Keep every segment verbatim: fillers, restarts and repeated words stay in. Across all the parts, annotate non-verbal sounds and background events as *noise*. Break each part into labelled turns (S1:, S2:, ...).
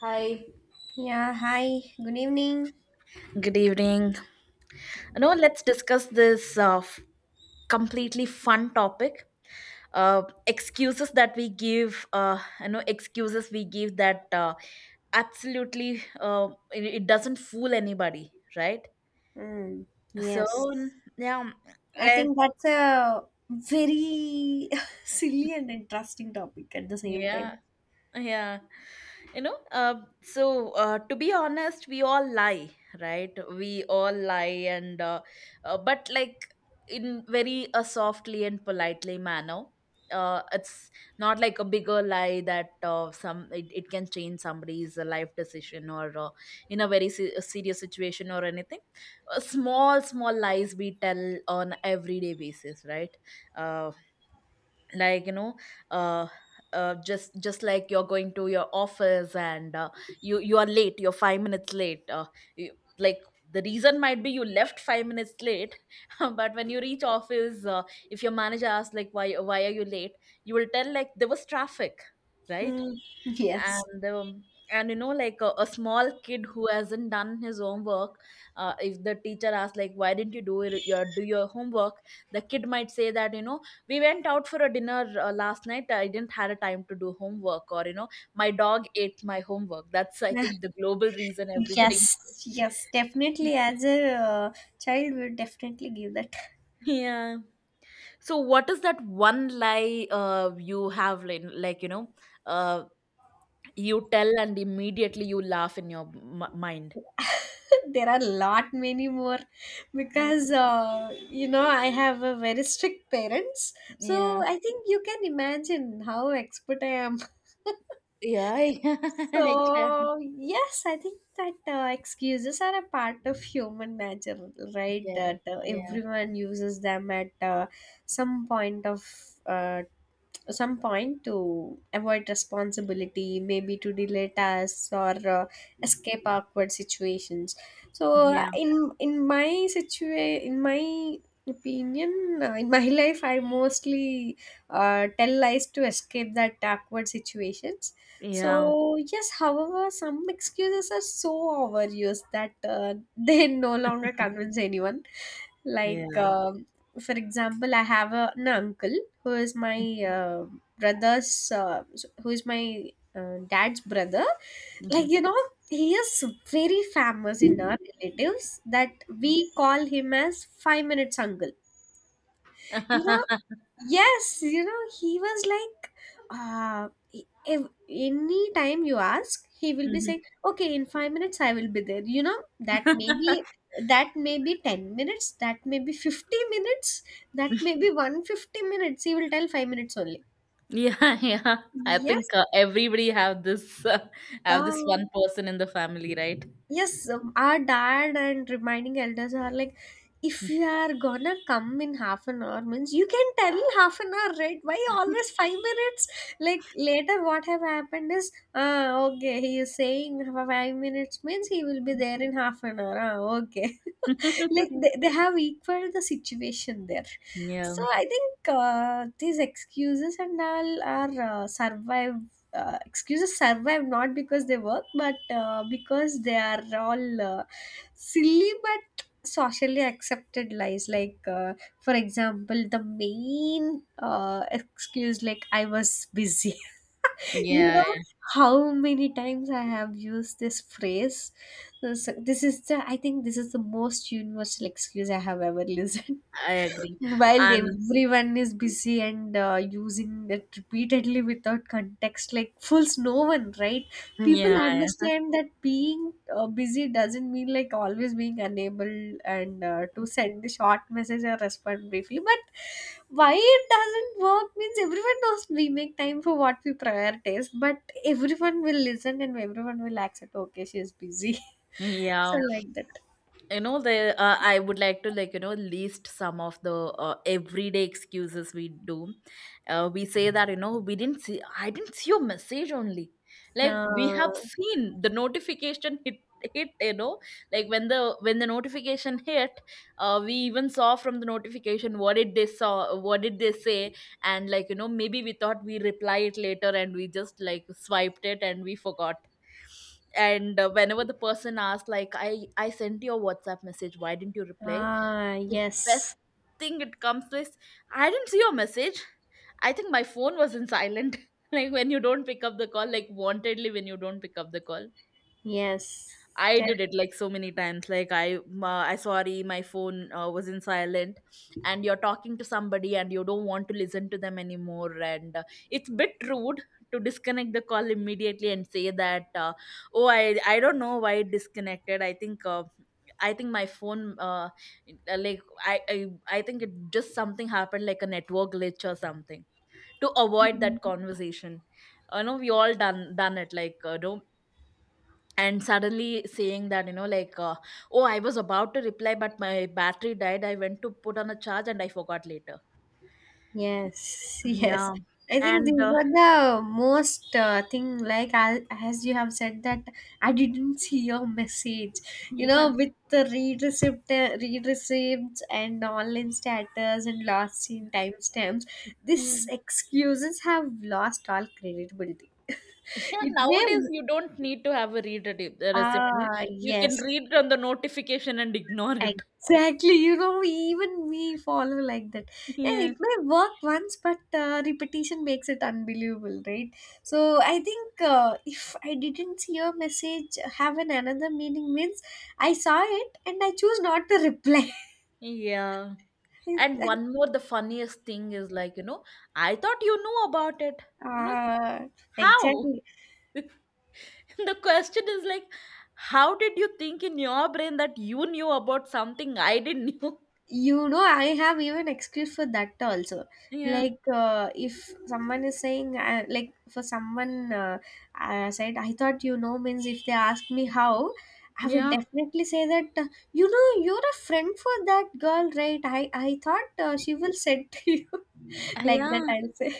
S1: Hi.
S2: Yeah, hi, good evening.
S1: Good evening. You know, let's discuss this uh, f- completely fun topic. Uh, excuses that we give, uh, you know, excuses we give that uh, absolutely uh, it, it doesn't fool anybody, right?
S2: Mm,
S1: So
S2: yes,
S1: yeah,
S2: I
S1: eh,
S2: think that's a very *laughs* silly and interesting topic at the same time.
S1: yeah. yeah you know uh, so uh, To be honest, we all lie, right? We all lie, and uh, uh, but like in very a softly and politely manner. Uh, it's not like a bigger lie that uh, some it, it can change somebody's uh, life decision, or uh, in a very se- a serious situation or anything. Uh, small small lies we tell on everyday basis, right? uh, like you know uh, uh just just like you're going to your office, and uh, you you are late, you're five minutes late, uh, you, like the reason might be you left five minutes late. *laughs* But when you reach office, uh, if your manager asks like why why are you late, you will tell like there was traffic, right?
S2: Mm, yes.
S1: and um, and you know like a, a small kid who hasn't done his homework, uh, if the teacher asks like why didn't you do your your- do your homework, the kid might say that, you know, we went out for a dinner. Uh, last night I didn't had a time to do homework, or you know, my dog ate my homework. That's,
S2: *laughs*
S1: I
S2: Yeah,
S1: think, the global reason everybody.
S2: yes, yes, definitely.
S1: *laughs*
S2: As a uh, child, we would definitely give that.
S1: Yeah, so what is that one lie uh, you have, like, like you know uh, you tell and immediately you laugh in your m- mind?
S2: *laughs* There are a lot many more because uh, you know, I have a very strict parents, so
S1: Yeah.
S2: I think you can imagine how expert I am.
S1: Yeah.
S2: So,
S1: *laughs*
S2: yes, I think that uh, excuses are a part of human nature, right?
S1: Yeah.
S2: That uh,
S1: Yeah. Yeah.
S2: everyone uses them at uh, some point of uh, some point to avoid responsibility, maybe to delay tasks or uh, escape awkward situations. So, uh,
S1: Yeah.
S2: in in my situa- in my opinion, uh, in my *laughs* life I mostly uh, tell lies to escape that awkward situations.
S1: Yeah,
S2: So yes, however, some excuses are so overused that uh, *laughs* they no longer convince anyone,
S1: yeah,
S2: like
S1: yeah.
S2: um, for example, I have a, an uncle who is my uh, brother's uh, who is my uh, dad's brother. Like,
S1: Mhm.
S2: you know, he is very famous in our relatives that we call him as five minutes uncle, you know.
S1: *laughs*
S2: Yes, you know, he was like, uh if any time you ask, he will be
S1: Mhm.
S2: saying, okay, in five minutes I will be there, you know. that may be
S1: *laughs*
S2: that may be ten minutes, that may be fifty minutes, that may be a hundred fifty minutes. He will tell five minutes only.
S1: Yeah, yeah. I think
S2: Yes.
S1: uh, everybody have this uh, have this
S2: um,
S1: one person in the family, right?
S2: yes. Um, our dad and reminding elders are like, if you are gonna come in half an hour, means you can tell half an hour, right? Why always five minutes? Like later, what have happened is, ah, okay, he is saying five minutes means he will be there in half an hour. Ah, okay. *laughs* Like they,
S1: *laughs*
S2: they have equaled the situation there.
S1: Yeah,
S2: So I think uh, these excuses and all are uh, survive uh, excuses survive not because they work, but uh, because they are all uh, silly but socially accepted lies, like uh, for example, the main uh, excuse, like I was busy. *laughs* You
S1: yeah.
S2: know, how many times I have used this phrase. This, this is the i think this is the most universal excuse I have ever *laughs* listened.
S1: I agree.
S2: While
S1: And
S2: everyone is busy and uh, using it repeatedly without context, like fools no one, right? People
S1: yeah,
S2: understand that being uh, busy doesn't mean like always being unable and uh, to send a short message or respond briefly, but why it doesn't work means everyone knows we make time for what we prioritize, but everyone will listen and everyone will accept, okay, she's busy. *laughs* So
S1: yeah.
S2: like that.
S1: you know the uh, I would like to, like you know list some of the uh, everyday excuses we do. Uh, we say that, you know, we didn't see I didn't see your message only. Like, we have
S2: uh,
S1: seen the notification hit, hit you know like when the when the notification hit, uh, we even saw from the notification what did they saw, what did they say. And like, you know, maybe we thought we reply it later, and we just like swiped it and we forgot. And uh, whenever the person asks like i i sent you a WhatsApp message, why didn't you reply?
S2: ah,
S1: The
S2: yes.
S1: best thing it comes with: I didn't see your message. I think my phone was in silent. *laughs* Like when you don't pick up the call, like wantedly when you don't pick up the call.
S2: Yes,
S1: I did it like so many times. Like I, ma I sorry, my phone uh, was in silent, and you're talking to somebody and you don't want to listen to them anymore, and uh, it's bit rude to disconnect the call immediately and say that, uh, oh, I, I don't know why it disconnected. I think, uh, I think my phone, uh, uh, like I, I, I think it just something happened, like a network glitch or something, to avoid that
S2: definitely.
S1: conversation. I know we all done done it, like uh, do and suddenly saying that, you know, like, uh, oh, I was about to reply but my battery died. I went to put on a charge and I forgot later.
S2: Yes, *laughs* yes.
S1: Yeah.
S2: I think these
S1: and uh,
S2: were the most uh, thing. Like, I, as you have said that, I didn't *laughs* see your message.
S1: *laughs*
S2: You know,
S1: Yeah,
S2: with the read receipt, uh, read receipts, and online status and lost seen timestamps,
S1: yeah,
S2: these excuses have lost all credibility. *laughs*
S1: yeah.
S2: It
S1: Nowadays
S2: may.
S1: you don't need to have a read a de- a receipt, no.
S2: Ah,
S1: You can
S2: yes.
S1: read on the notification and ignore it.
S2: Exactly, you know, even we follow like that.
S1: *laughs*
S2: Yeah, it
S1: Yeah,
S2: may work once, but uh, repetition makes it unbelievable, right? So I think uh, if I didn't see your message have an another meaning means I saw it and I choose not to reply.
S1: yeah. And
S2: *laughs*
S1: one more the funniest thing is, like, you know, I thought you knew about it. Like,
S2: uh,
S1: how?
S2: exactly.
S1: *laughs* The question is, like, how did you think in your brain that you knew about something I didn't know?
S2: You know, I have even excuse for that also.
S1: *laughs* Yeah,
S2: Like uh, if someone is saying uh, like for someone uh, uh, said I thought you know means if they ask me how, I would
S1: yeah.
S2: definitely say that uh, you know, you're a friend for that girl, right? I i thought, uh, she will said to you.
S1: Uh,
S2: *laughs* Like that,
S1: yeah,
S2: I'll say.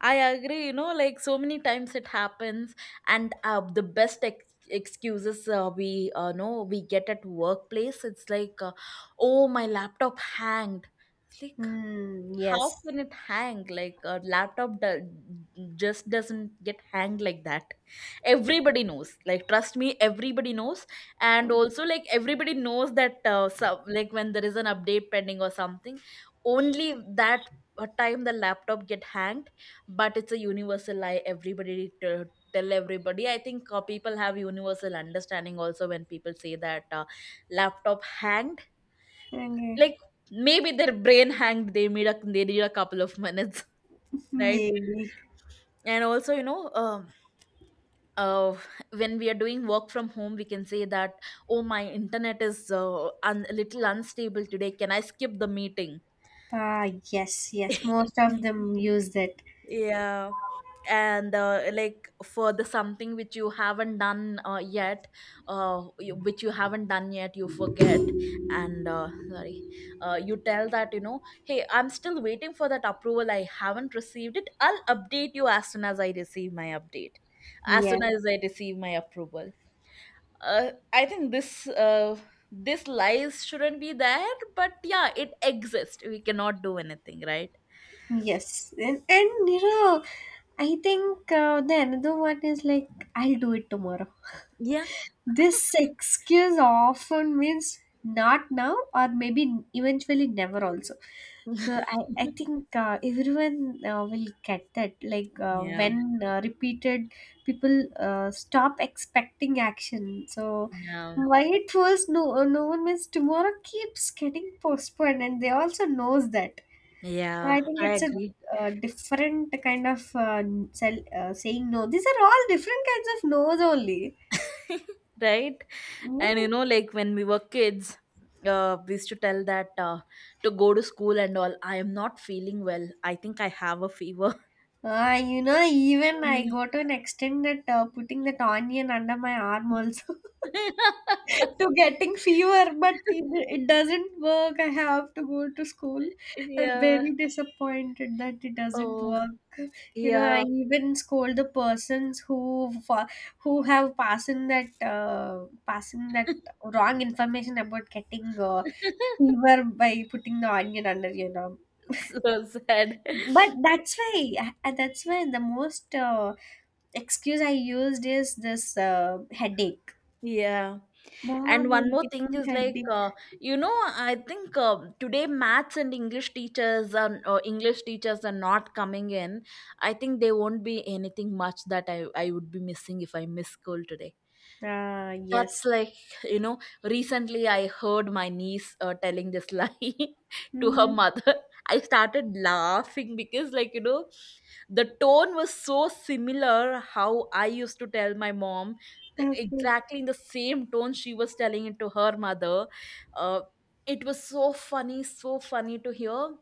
S1: I agree. You know, like, so many times it happens. And uh, the best ex- excuses uh, we uh, know we get at workplace, it's like, uh, oh, my laptop hanged. It's like,
S2: Hmm. Yes.
S1: how can it hang? Like, a laptop do- just doesn't get hanged like that. Everybody knows, like, trust me, everybody knows. And also, like, everybody knows that, uh, so like when there is an update pending or something, only that uh, time the laptop get hanged. But it's a universal lie everybody t- tell everybody. I think uh, people have universal understanding also when people say that, uh, laptop hanged.
S2: Okay.
S1: Like, maybe their brain hanged. They made a they need a couple of minutes, *laughs* right?
S2: Maybe.
S1: And also, you know, um uh, when we are doing work from home, we can say that, oh, my internet is uh, un- a little unstable today, can I skip the meeting?
S2: Ah, yes. Yes, most of
S1: *laughs*
S2: them use that.
S1: Yeah. And uh, like for the something which you haven't done uh, yet, uh, you, which you haven't done yet, you forget, and uh, sorry, uh, you tell that, you know, hey, I'm still waiting for that approval. I haven't received it. I'll update you as soon as I receive my update, as
S2: Yes.
S1: soon as I receive my approval. Uh, I think this uh, this lies shouldn't be there, but yeah, it exists. We cannot do anything, right?
S2: Yes, and, and you know, I think uh, the another one is like, I'll do it tomorrow.
S1: Yeah.
S2: This excuse often means not now or maybe eventually never also. So I, I
S1: *laughs*
S2: think uh, everyone uh, will get that. Like uh,
S1: Yeah.
S2: when uh, repeated, people uh, stop expecting action. So
S1: Yeah,
S2: why it was no no one means tomorrow keeps getting postponed, and they also knows that.
S1: yeah,
S2: I think
S1: I
S2: it's a
S1: agree.
S2: uh, different kind of uh, sell, uh, saying no. These are all different kinds of no's only.
S1: *laughs* Right? And
S2: Mm.
S1: you know, like when we were kids, uh, we used to tell that, uh, to go to school and all, I am not feeling well. I think I have a fever.
S2: Uh, you know, even I
S1: Mm.
S2: go to an extent that uh, putting that onion under my arm also. *laughs* To
S1: *laughs*
S2: getting fever, but it, it doesn't work. I have to go to school. I'm
S1: Yeah.
S2: very disappointed that it doesn't
S1: Oh,
S2: work. You know, I
S1: yeah.
S2: even scold the persons who fa- who have passing that uh, passing that wrong information about getting uh,
S1: *laughs*
S2: fever by putting the onion under your arm.
S1: So sad.
S2: But that's why uh, that's why the most uh, excuse I used is this uh, headache.
S1: Yeah. And
S2: Mom,
S1: one
S2: I'm
S1: more thing
S2: getting
S1: is, like,
S2: headache.
S1: uh, you know, I think uh, today maths and English teachers, and uh, English teachers are not coming in. I think there won't be anything much that I, I would be missing if I miss school today.
S2: Ah, yes.
S1: That's like, you know, recently I heard my niece uh, telling this lie *laughs* to her
S2: Mm.
S1: mother. I started laughing because, like, you know, the tone was so similar how I used to tell my mom,
S2: Okay.
S1: exactly in the same tone she was telling it to her mother. Uh, it was so funny, so funny to hear.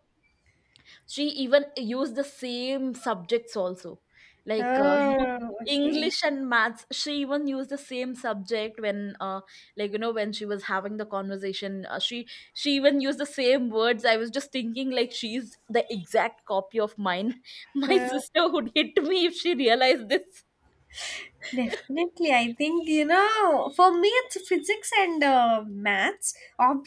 S1: She even used the same subjects also, like, uh, you know
S2: Oh, okay.
S1: English and maths. She even used the same subject when, uh, like you know when she was having the conversation. Uh, she she even used the same words. I was just thinking like she's the exact copy of mine. *laughs* My
S2: Oh,
S1: sister would hit me if she realized this.
S2: definitely, I think you know. For me, it's physics and uh, maths.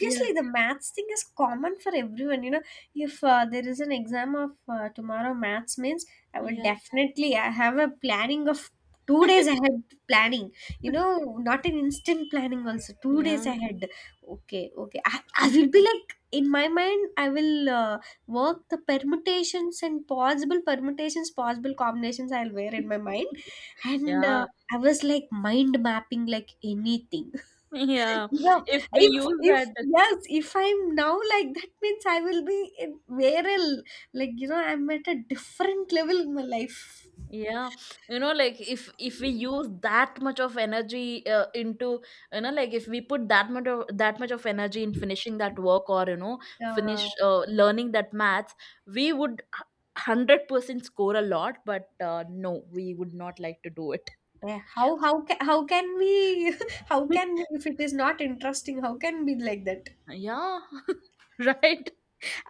S1: Yeah,
S2: the maths thing is common for everyone. You know, if uh, there is an exam of uh, tomorrow, maths means I would
S1: yeah,
S2: definitely. I have a planning of two days ahead planning. You know, not an instant planning. Also, two
S1: yeah.
S2: days ahead. Okay, okay. I, I will be like in my mind. I will uh, work the permutations and possible permutations, possible combinations. I'll wear in my mind
S1: *laughs*
S2: and. Uh,
S1: Yeah,
S2: I was like mind mapping like anything. *laughs*
S1: yeah.
S2: You know,
S1: if we
S2: if
S1: use that
S2: if yes, if I'm now like that means I will be in where I'll- like, you know, I'm at a different level in my life.
S1: Yeah, you know, like, if if we use that much of energy uh, into, you know, like, if we put that much of that much of energy in finishing that work, or, you know,
S2: Uh,
S1: finish uh, learning that maths, we would h- one hundred percent score a lot. But uh, no, we would not like to do it.
S2: yeah, how how ca- how can we *laughs* how can
S1: *laughs*
S2: we if it is not interesting, how can we like that?
S1: Yeah. *laughs* Right.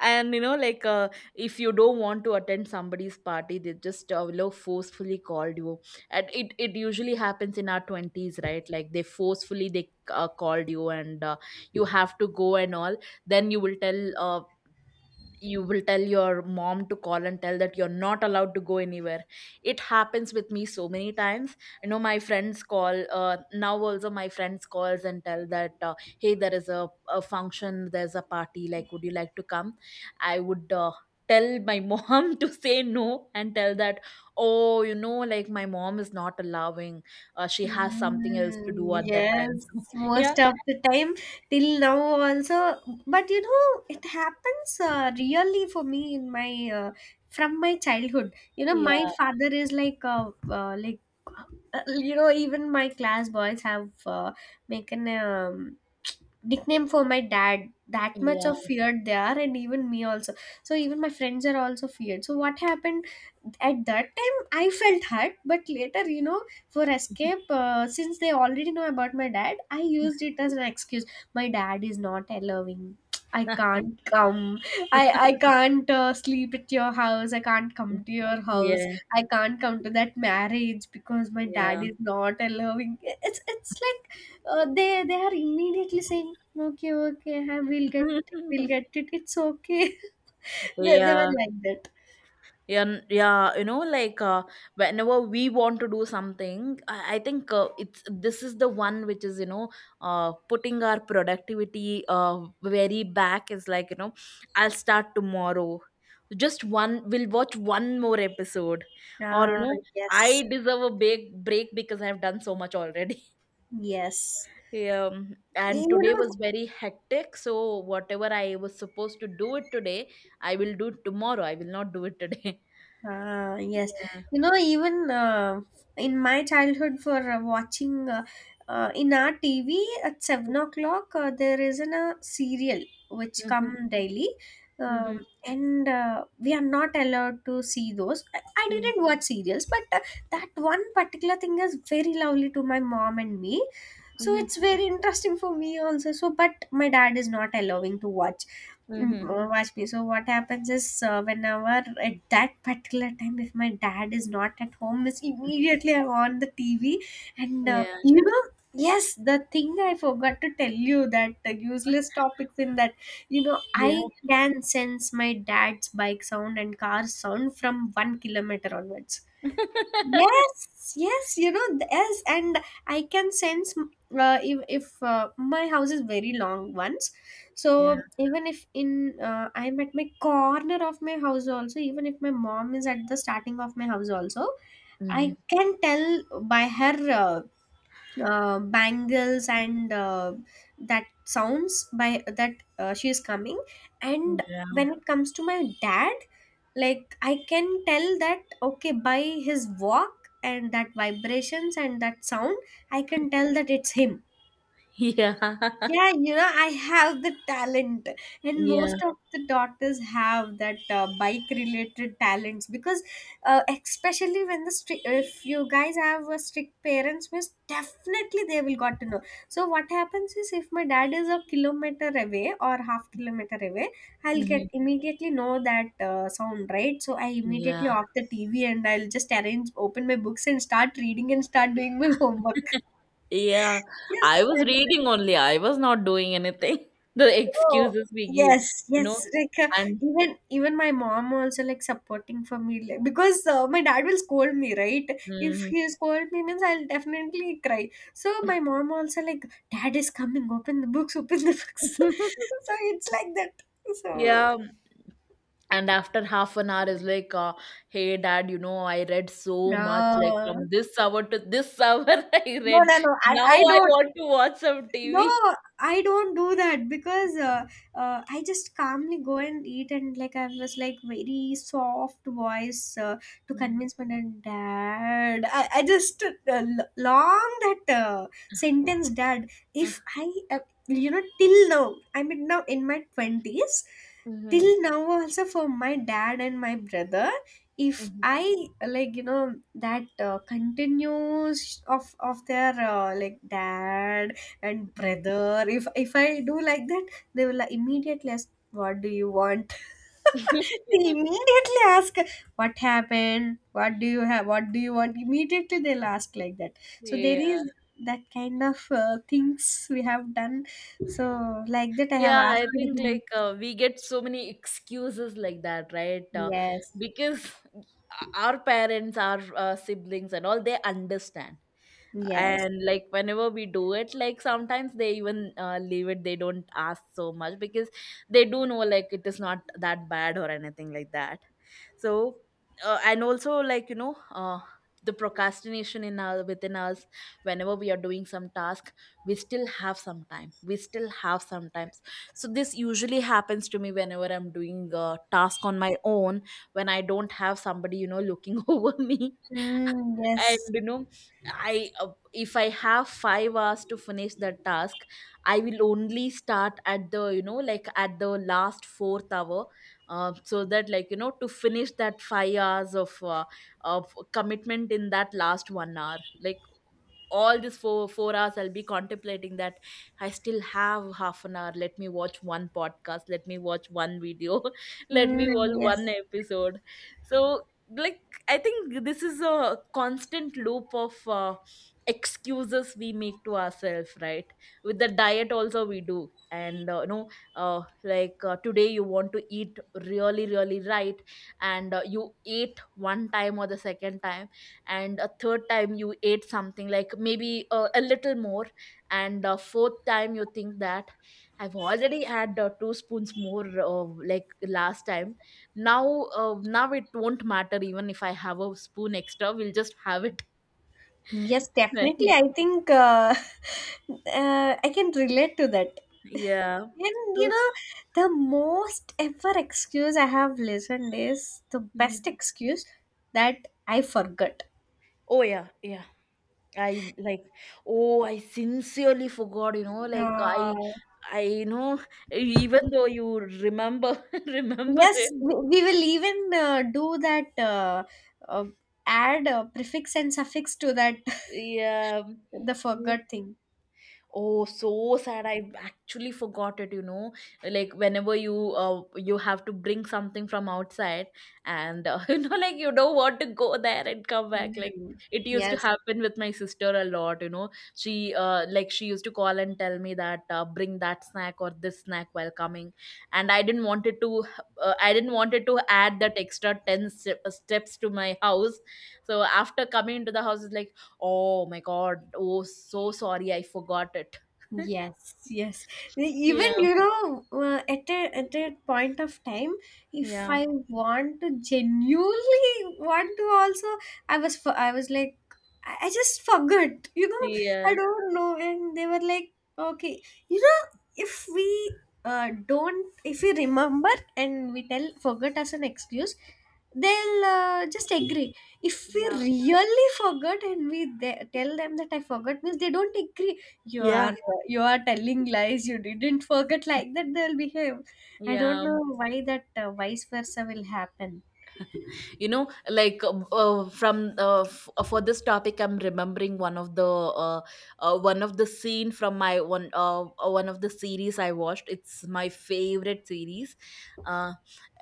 S1: And you know, like, uh, if you don't want to attend somebody's party, they just, uh, you know, forcefully called you, and it it usually happens in our twenties, right? Like, they forcefully they uh, called you, and uh, you have to go and all. Then you will tell, uh, you will tell your mom to call and tell that you're not allowed to go anywhere. It happens with me so many times. You know, my friends call, uh, now also my friends calls and tell that, uh, hey, there is a, a function, there's a party, like, would you like to come? I would uh, tell my *laughs* mom to say no and tell that, oh, you know, like, my mom is not allowing, uh, she has something else to do
S2: Mm,
S1: at that
S2: yes,
S1: time. *laughs* So yeah,
S2: most of the time, till now also. But you know, it happens uh, really for me in my uh, from my childhood. You know, my
S1: yeah,
S2: father is like uh, uh, like uh, you know, even my class boys have uh, make an um, nickname for my dad. That much
S1: yeah.
S2: of feared they are, and even me also. So even my friends are also feared. So what happened at that time? I felt hurt, but later, you know, for escape, uh, since they already know about my dad, I used it as an excuse. My dad is not allowing, I
S1: *laughs*
S2: can't come. I i can't uh, sleep at your house, I can't come to your house,
S1: Yeah,
S2: I can't come to that marriage because my dad is not allowing. It's it's like uh, they they are immediately
S1: yeah.
S2: saying, okay, okay, we will get we'll
S1: *laughs*
S2: get it, it's okay. *laughs* they, they were
S1: Yeah.
S2: like that.
S1: Yeah n- yeah, you know, like, uh, whenever we want to do something, i, I think, uh, it's this is the one which is, you know, uh, putting our productivity uh, very back, is like, you know, I'll start tomorrow. Just one, we'll watch one more episode. Or, you
S2: Ah,
S1: know,
S2: yes.
S1: I deserve a big break because I've done so much already.
S2: Yes,
S1: Um,
S2: you
S1: and today was
S2: know.
S1: very hectic. So whatever I was supposed to do it today, I will do it tomorrow. I will not do it today. *laughs*
S2: Ah, yes.
S1: Yeah.
S2: You know, even uh, in my childhood, for uh, watching, uh, uh, in our T V at seven o'clock, uh, there is an, a serial which
S1: Mm-hmm.
S2: come daily.
S1: Mm-hmm.
S2: Um, and uh, we are not allowed to see those. I, I didn't watch serials, but uh, that one particular thing is very lovely to my mom and me. So
S1: Mm-hmm.
S2: it's very interesting for me also. So, but my dad is not allowing to watch. Mm,
S1: Mm-hmm.
S2: oh, watch me. So what happens is uh, whenever at that particular time, if my dad is not at home, is immediately I'm on the T V. And uh,
S1: Yeah.
S2: you know, yes, the thing I forgot to tell you that uh, useless topics in that, you know,
S1: Yeah.
S2: I can sense my dad's bike sound and car sound from one kilometer onwards.
S1: *laughs*
S2: Yes, yes, you know, th- yes, and I can sense m- uh, if if uh, my house is very long once,
S1: Yeah.
S2: so even if in uh, I'm at my corner of my house also, even if my mom is at the starting of my house also,
S1: Mm-hmm.
S2: I can tell by her uh, uh, bangles and uh, that sounds, by that uh, she is coming. And
S1: Yeah.
S2: when it comes to my dad, like, I can tell that, okay, by his walk and that vibrations and that sound, I can tell that it's him.
S1: Yeah. *laughs*
S2: Yeah, you know, I have the talent, and
S1: Yeah.
S2: most of the daughters have that uh, bike related talents because, uh, especially when the stri- if you guys have a strict parents, means definitely they will got to know. So what happens is if my dad is a kilometer away or half kilometer away, I'll get
S1: Mm-hmm.
S2: immediately know that uh, sound, right. So I immediately
S1: Yeah.
S2: off the T V and I'll just arrange open my books and start reading and start doing my homework.
S1: *laughs*
S2: *laughs*
S1: Yeah. I
S2: Yes.
S1: was reading only. I was not doing anything. *laughs* The
S2: Oh,
S1: excuses we give,
S2: yes,
S1: you know,
S2: yes. Like uh,
S1: and
S2: even even my mom also like supporting for me, like, because uh, my dad will scold me, right? If
S1: mm
S2: he scold me means I'll definitely cry. So my mom also like, dad is coming. Open the books. Open the books.
S1: *laughs*
S2: *laughs* So it's like that. So
S1: yeah. And after half an hour is like, uh, hey, dad, you know, I read so much, like,
S2: no,
S1: from this hour to this hour *laughs* I
S2: no,
S1: read,
S2: no, no. I
S1: now
S2: I
S1: I
S2: know.
S1: want to watch some
S2: No,
S1: TV.
S2: I don't do that because uh, uh, I just calmly go and eat, and like I was like very soft voice uh, to
S1: Mm.
S2: convince my dad. Dad, I, I just uh, l- long that uh, sentence, Dad.
S1: Uh,
S2: If I, uh, you know, till now, I mean, now in my twenties,
S1: mhm,
S2: till now also for my dad and my brother, if
S1: mhm.
S2: I like, you know, that uh, continues of of their, uh, like dad and brother, if if I do like that, they will like immediately ask, "What do you want?" *laughs* They
S1: *laughs*
S2: immediately ask, "What happened? What do you have? What do you want?" Immediately they'll ask like that. So there
S1: yeah
S2: is that kind of uh, things we have done. So like that, I have
S1: yeah I
S2: asked
S1: think
S2: him.
S1: like uh, we get so many excuses like that, right? Uh,
S2: Yes,
S1: because our parents, our uh, siblings and all, they understand,
S2: yes,
S1: and like whenever we do it, like sometimes they even uh, leave it, they don't ask so much because they do know like it is not that bad or anything like that. So uh, and also like you know, uh, the procrastination in our within us, whenever we are doing some task, we still have some time, we still have sometimes. So this usually happens to me whenever I'm doing a task on my own, when I don't have somebody, you know, looking *laughs* over me.
S2: mm,
S1: And
S2: yes,
S1: you know, I uh, if I have five hours to finish that task, I will only start at the, you know, like at the last fourth hour. Uh, so that like, you know, to finish that five hours of uh, of commitment in that last one hour. Like all this four four hours I'll be contemplating that I still have half an hour, let me watch one podcast, let me watch one video, *laughs* let me
S2: mm,
S1: watch one
S2: yes.
S1: episode. So like, I think this is a constant loop of uh, excuses we make to ourselves, right? With the diet, also we do, and uh, you know, uh, like uh, today you want to eat really, really, right, and uh, you ate one time or the second time, and a third time you ate something like maybe uh, a little more, and uh, fourth time you think that I've already had uh, two spoons more, uh, like last time. Now uh, now it won't matter even if I have a spoon extra, we'll just have it. *laughs*
S2: Yes,
S1: Right.
S2: definitely. I think uh, *laughs* uh, I can relate to that.
S1: Yeah.
S2: And you
S1: So
S2: know, the most ever excuse I have listened is the best
S1: mm.
S2: excuse that I forgot.
S1: Oh yeah, yeah. I like, oh, I sincerely forgot, you know, like i
S2: Uh,
S1: i you know, even though you remember *laughs* remember
S2: yes,
S1: it.
S2: we, we will even uh, do that, uh, uh, add a prefix and suffix to that,
S1: Yeah.
S2: *laughs* the forgot thing.
S1: Oh, so sad. I actually forgot it, you know. Like whenever you uh, you have to bring something from outside, and uh, *laughs* you know like you don't want to go there and come back, like
S2: Mm.
S1: it used to
S2: Yes.
S1: happen with my sister a lot, you know. She uh, like she used to call and tell me that uh, bring that snack or this snack while coming, and I didn't want it to uh, I didn't want it to add that extra ten step- steps to my *laughs* house. So after coming into the house it's like, oh my god, oh, so sorry, I forgot it. *laughs*
S2: Yes, yes. E, Even,
S1: Yeah.
S2: you know, uh, at a at a point of time, if
S1: Yeah.
S2: I want to genuinely want to also, I was fo- I was like, I I just forgot. You know, I
S1: Yeah.
S2: don't know, and they were like, okay, you know, if we uh, don't if we remember and we tell forget as an excuse, they'll uh, just agree. If we
S1: Yeah.
S2: really forgot and we th- tell them that I forgot, means they don't agree. you
S1: Yeah.
S2: are you are telling lies, you didn't forget, like that they'll behave. I don't
S1: Yeah.
S2: know why that uh, vice versa will happen.
S1: You know, like uh, uh, from uh, f- uh, for this topic I'm remembering one of the uh, uh, one of the scene from my one, uh, uh, one of the series I watched, it's my favorite series. uh,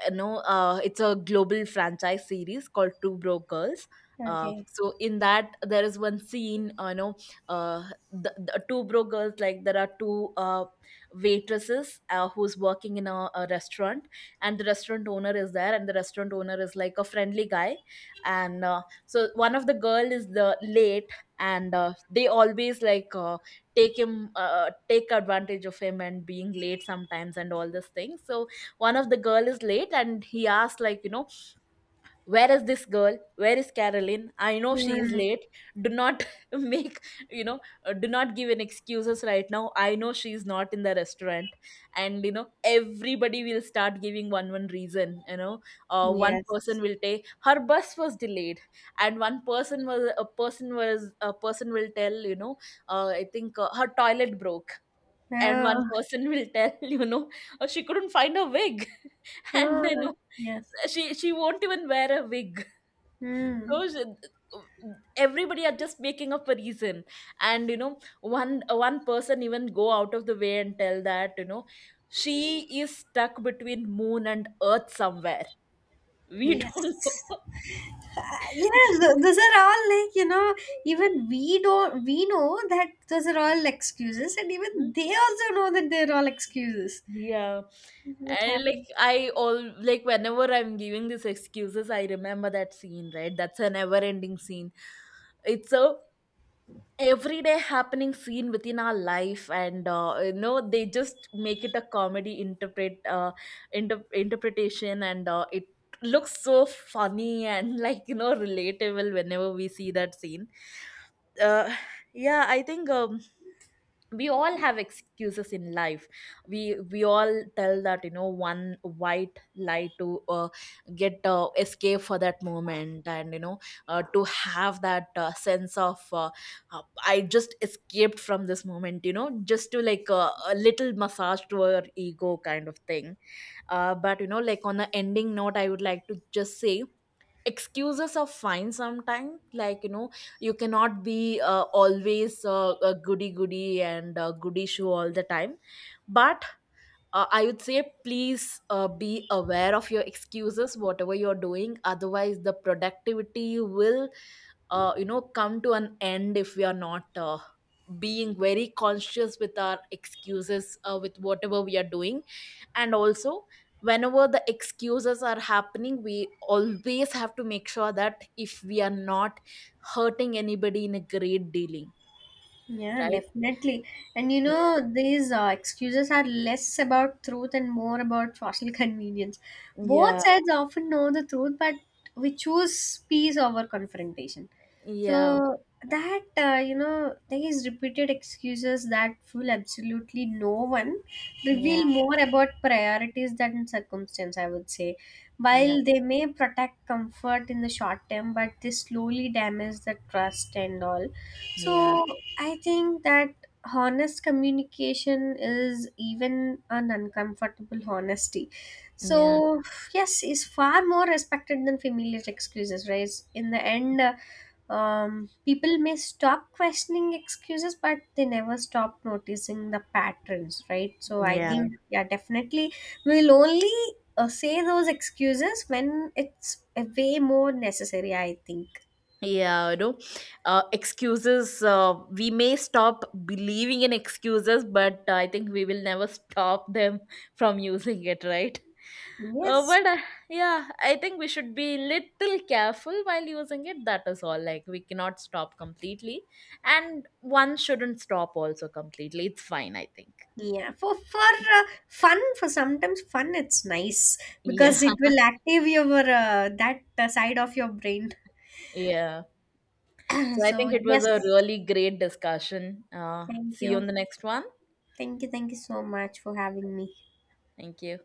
S1: you know, uh, it's a global franchise series called Two Broke Girls. Uh,
S2: Okay.
S1: so in that there is one scene, uh, you know, uh, the, the Two Broke Girls, like there are two uh, waitresses uh, who's working in a, a restaurant, and the restaurant owner is there, and the restaurant owner is like a friendly guy. And uh, so one of the girl is the late, and uh, they always like uh, take him uh, take advantage of him and being late sometimes and all this thing. So one of the girl is late and he asked like, you know, where is this girl, where is Caroline, I know she is
S2: Hmm.
S1: late. Do not *laughs* make, you know, uh, do not give an excuses right now, I know she is not in the restaurant. And you know, everybody will start giving one one reason, you know. Uh, one
S2: Yes.
S1: person will say her bus was delayed, and one person was a person was a person will tell, you know, uh, I think uh, her toilet broke. And one
S2: Oh,
S1: person will tell, *laughs* you know, uh, she couldn't find her wig, *laughs* and you
S2: oh
S1: know,
S2: yes.
S1: she she won't even wear a wig.
S2: Hmm.
S1: So sh- everybody are just making up a reason. And you know, one one person even go out of the way and tell that, you know, she is stuck between moon and earth somewhere, *laughs* we don't
S2: Yes.
S1: know.
S2: Yeah, th-
S1: *laughs*
S2: those are all, like you know, even we don't we know that those are all excuses, and even they also know that they're all excuses.
S1: Yeah.
S2: That
S1: And like,
S2: happens.
S1: I all like whenever I'm giving these excuses, I remember that scene, right? That's a never ending scene. It's a everyday happening scene within our life, and uh, you know, they just make it a comedy interpret uh, inter- interpretation, and uh, it looks so funny and like, you know, relatable whenever we see that scene. uh, yeah, I think um, we all have excuses in life. We we all tell that, you know, one white lie to uh, get uh, escape for that moment, and you know, uh, to have that uh, sense of uh, uh, I just escaped from this moment, you know, just to like uh, a little massage to our ego kind of thing. Uh, but you know, like on the ending note, I would like to just say, excuses are fine sometimes, like you know, you cannot be uh, always uh, a goody goody and uh, goody shoe all the time. But uh, I would say, please uh, be aware of your excuses whatever you're doing, otherwise the productivity will uh, you know, come to an end if we are not uh, being very conscious with our excuses uh, with whatever we are doing. And also, whenever the excuses are happening, we always have to make sure that if we are not hurting anybody in a great dealing,
S2: Yeah,
S1: right?
S2: definitely. And you
S1: Yeah.
S2: know, these uh, excuses are less about truth and more about social *laughs* convenience. Both
S1: Yeah.
S2: sides often know the truth, but we choose peace over confrontation.
S1: Yeah.
S2: So that, uh, you know, these repeated excuses that fool absolutely no one reveal
S1: Yeah.
S2: more about priorities than circumstance. I would say,
S1: Yeah.
S2: while they may protect comfort in the short term, but they slowly damage the trust and all.
S1: Yeah.
S2: So I think that honest communication is even an uncomfortable honesty. So yes, is far more respected than familiar excuses, right? In the end, uh, um, people may stop questioning excuses, but they never stop noticing the patterns, right? So I
S1: Yeah.
S2: think, yeah, definitely we'll only uh, say those excuses when it's uh, way more necessary. I think
S1: Yeah. You know, uh, excuses, uh, we may stop believing in excuses, but I think we will never stop them *laughs* from using it, right? Uh,
S2: yes.
S1: but uh, yeah, I think we should be little careful while using it. That is all. Like we cannot stop completely, and one shouldn't stop also completely. It's fine, I think.
S2: Yeah, for for uh, fun, for sometimes fun, it's nice
S1: Yeah.
S2: because it will active your uh, that uh, side of your brain.
S1: Yeah. So
S2: *clears throat*
S1: I
S2: So
S1: think it was a
S2: yes,
S1: really great discussion. Uh,
S2: thank
S1: see you
S2: you,
S1: on the next one.
S2: thank you, thank you so much for having me.
S1: Thank you.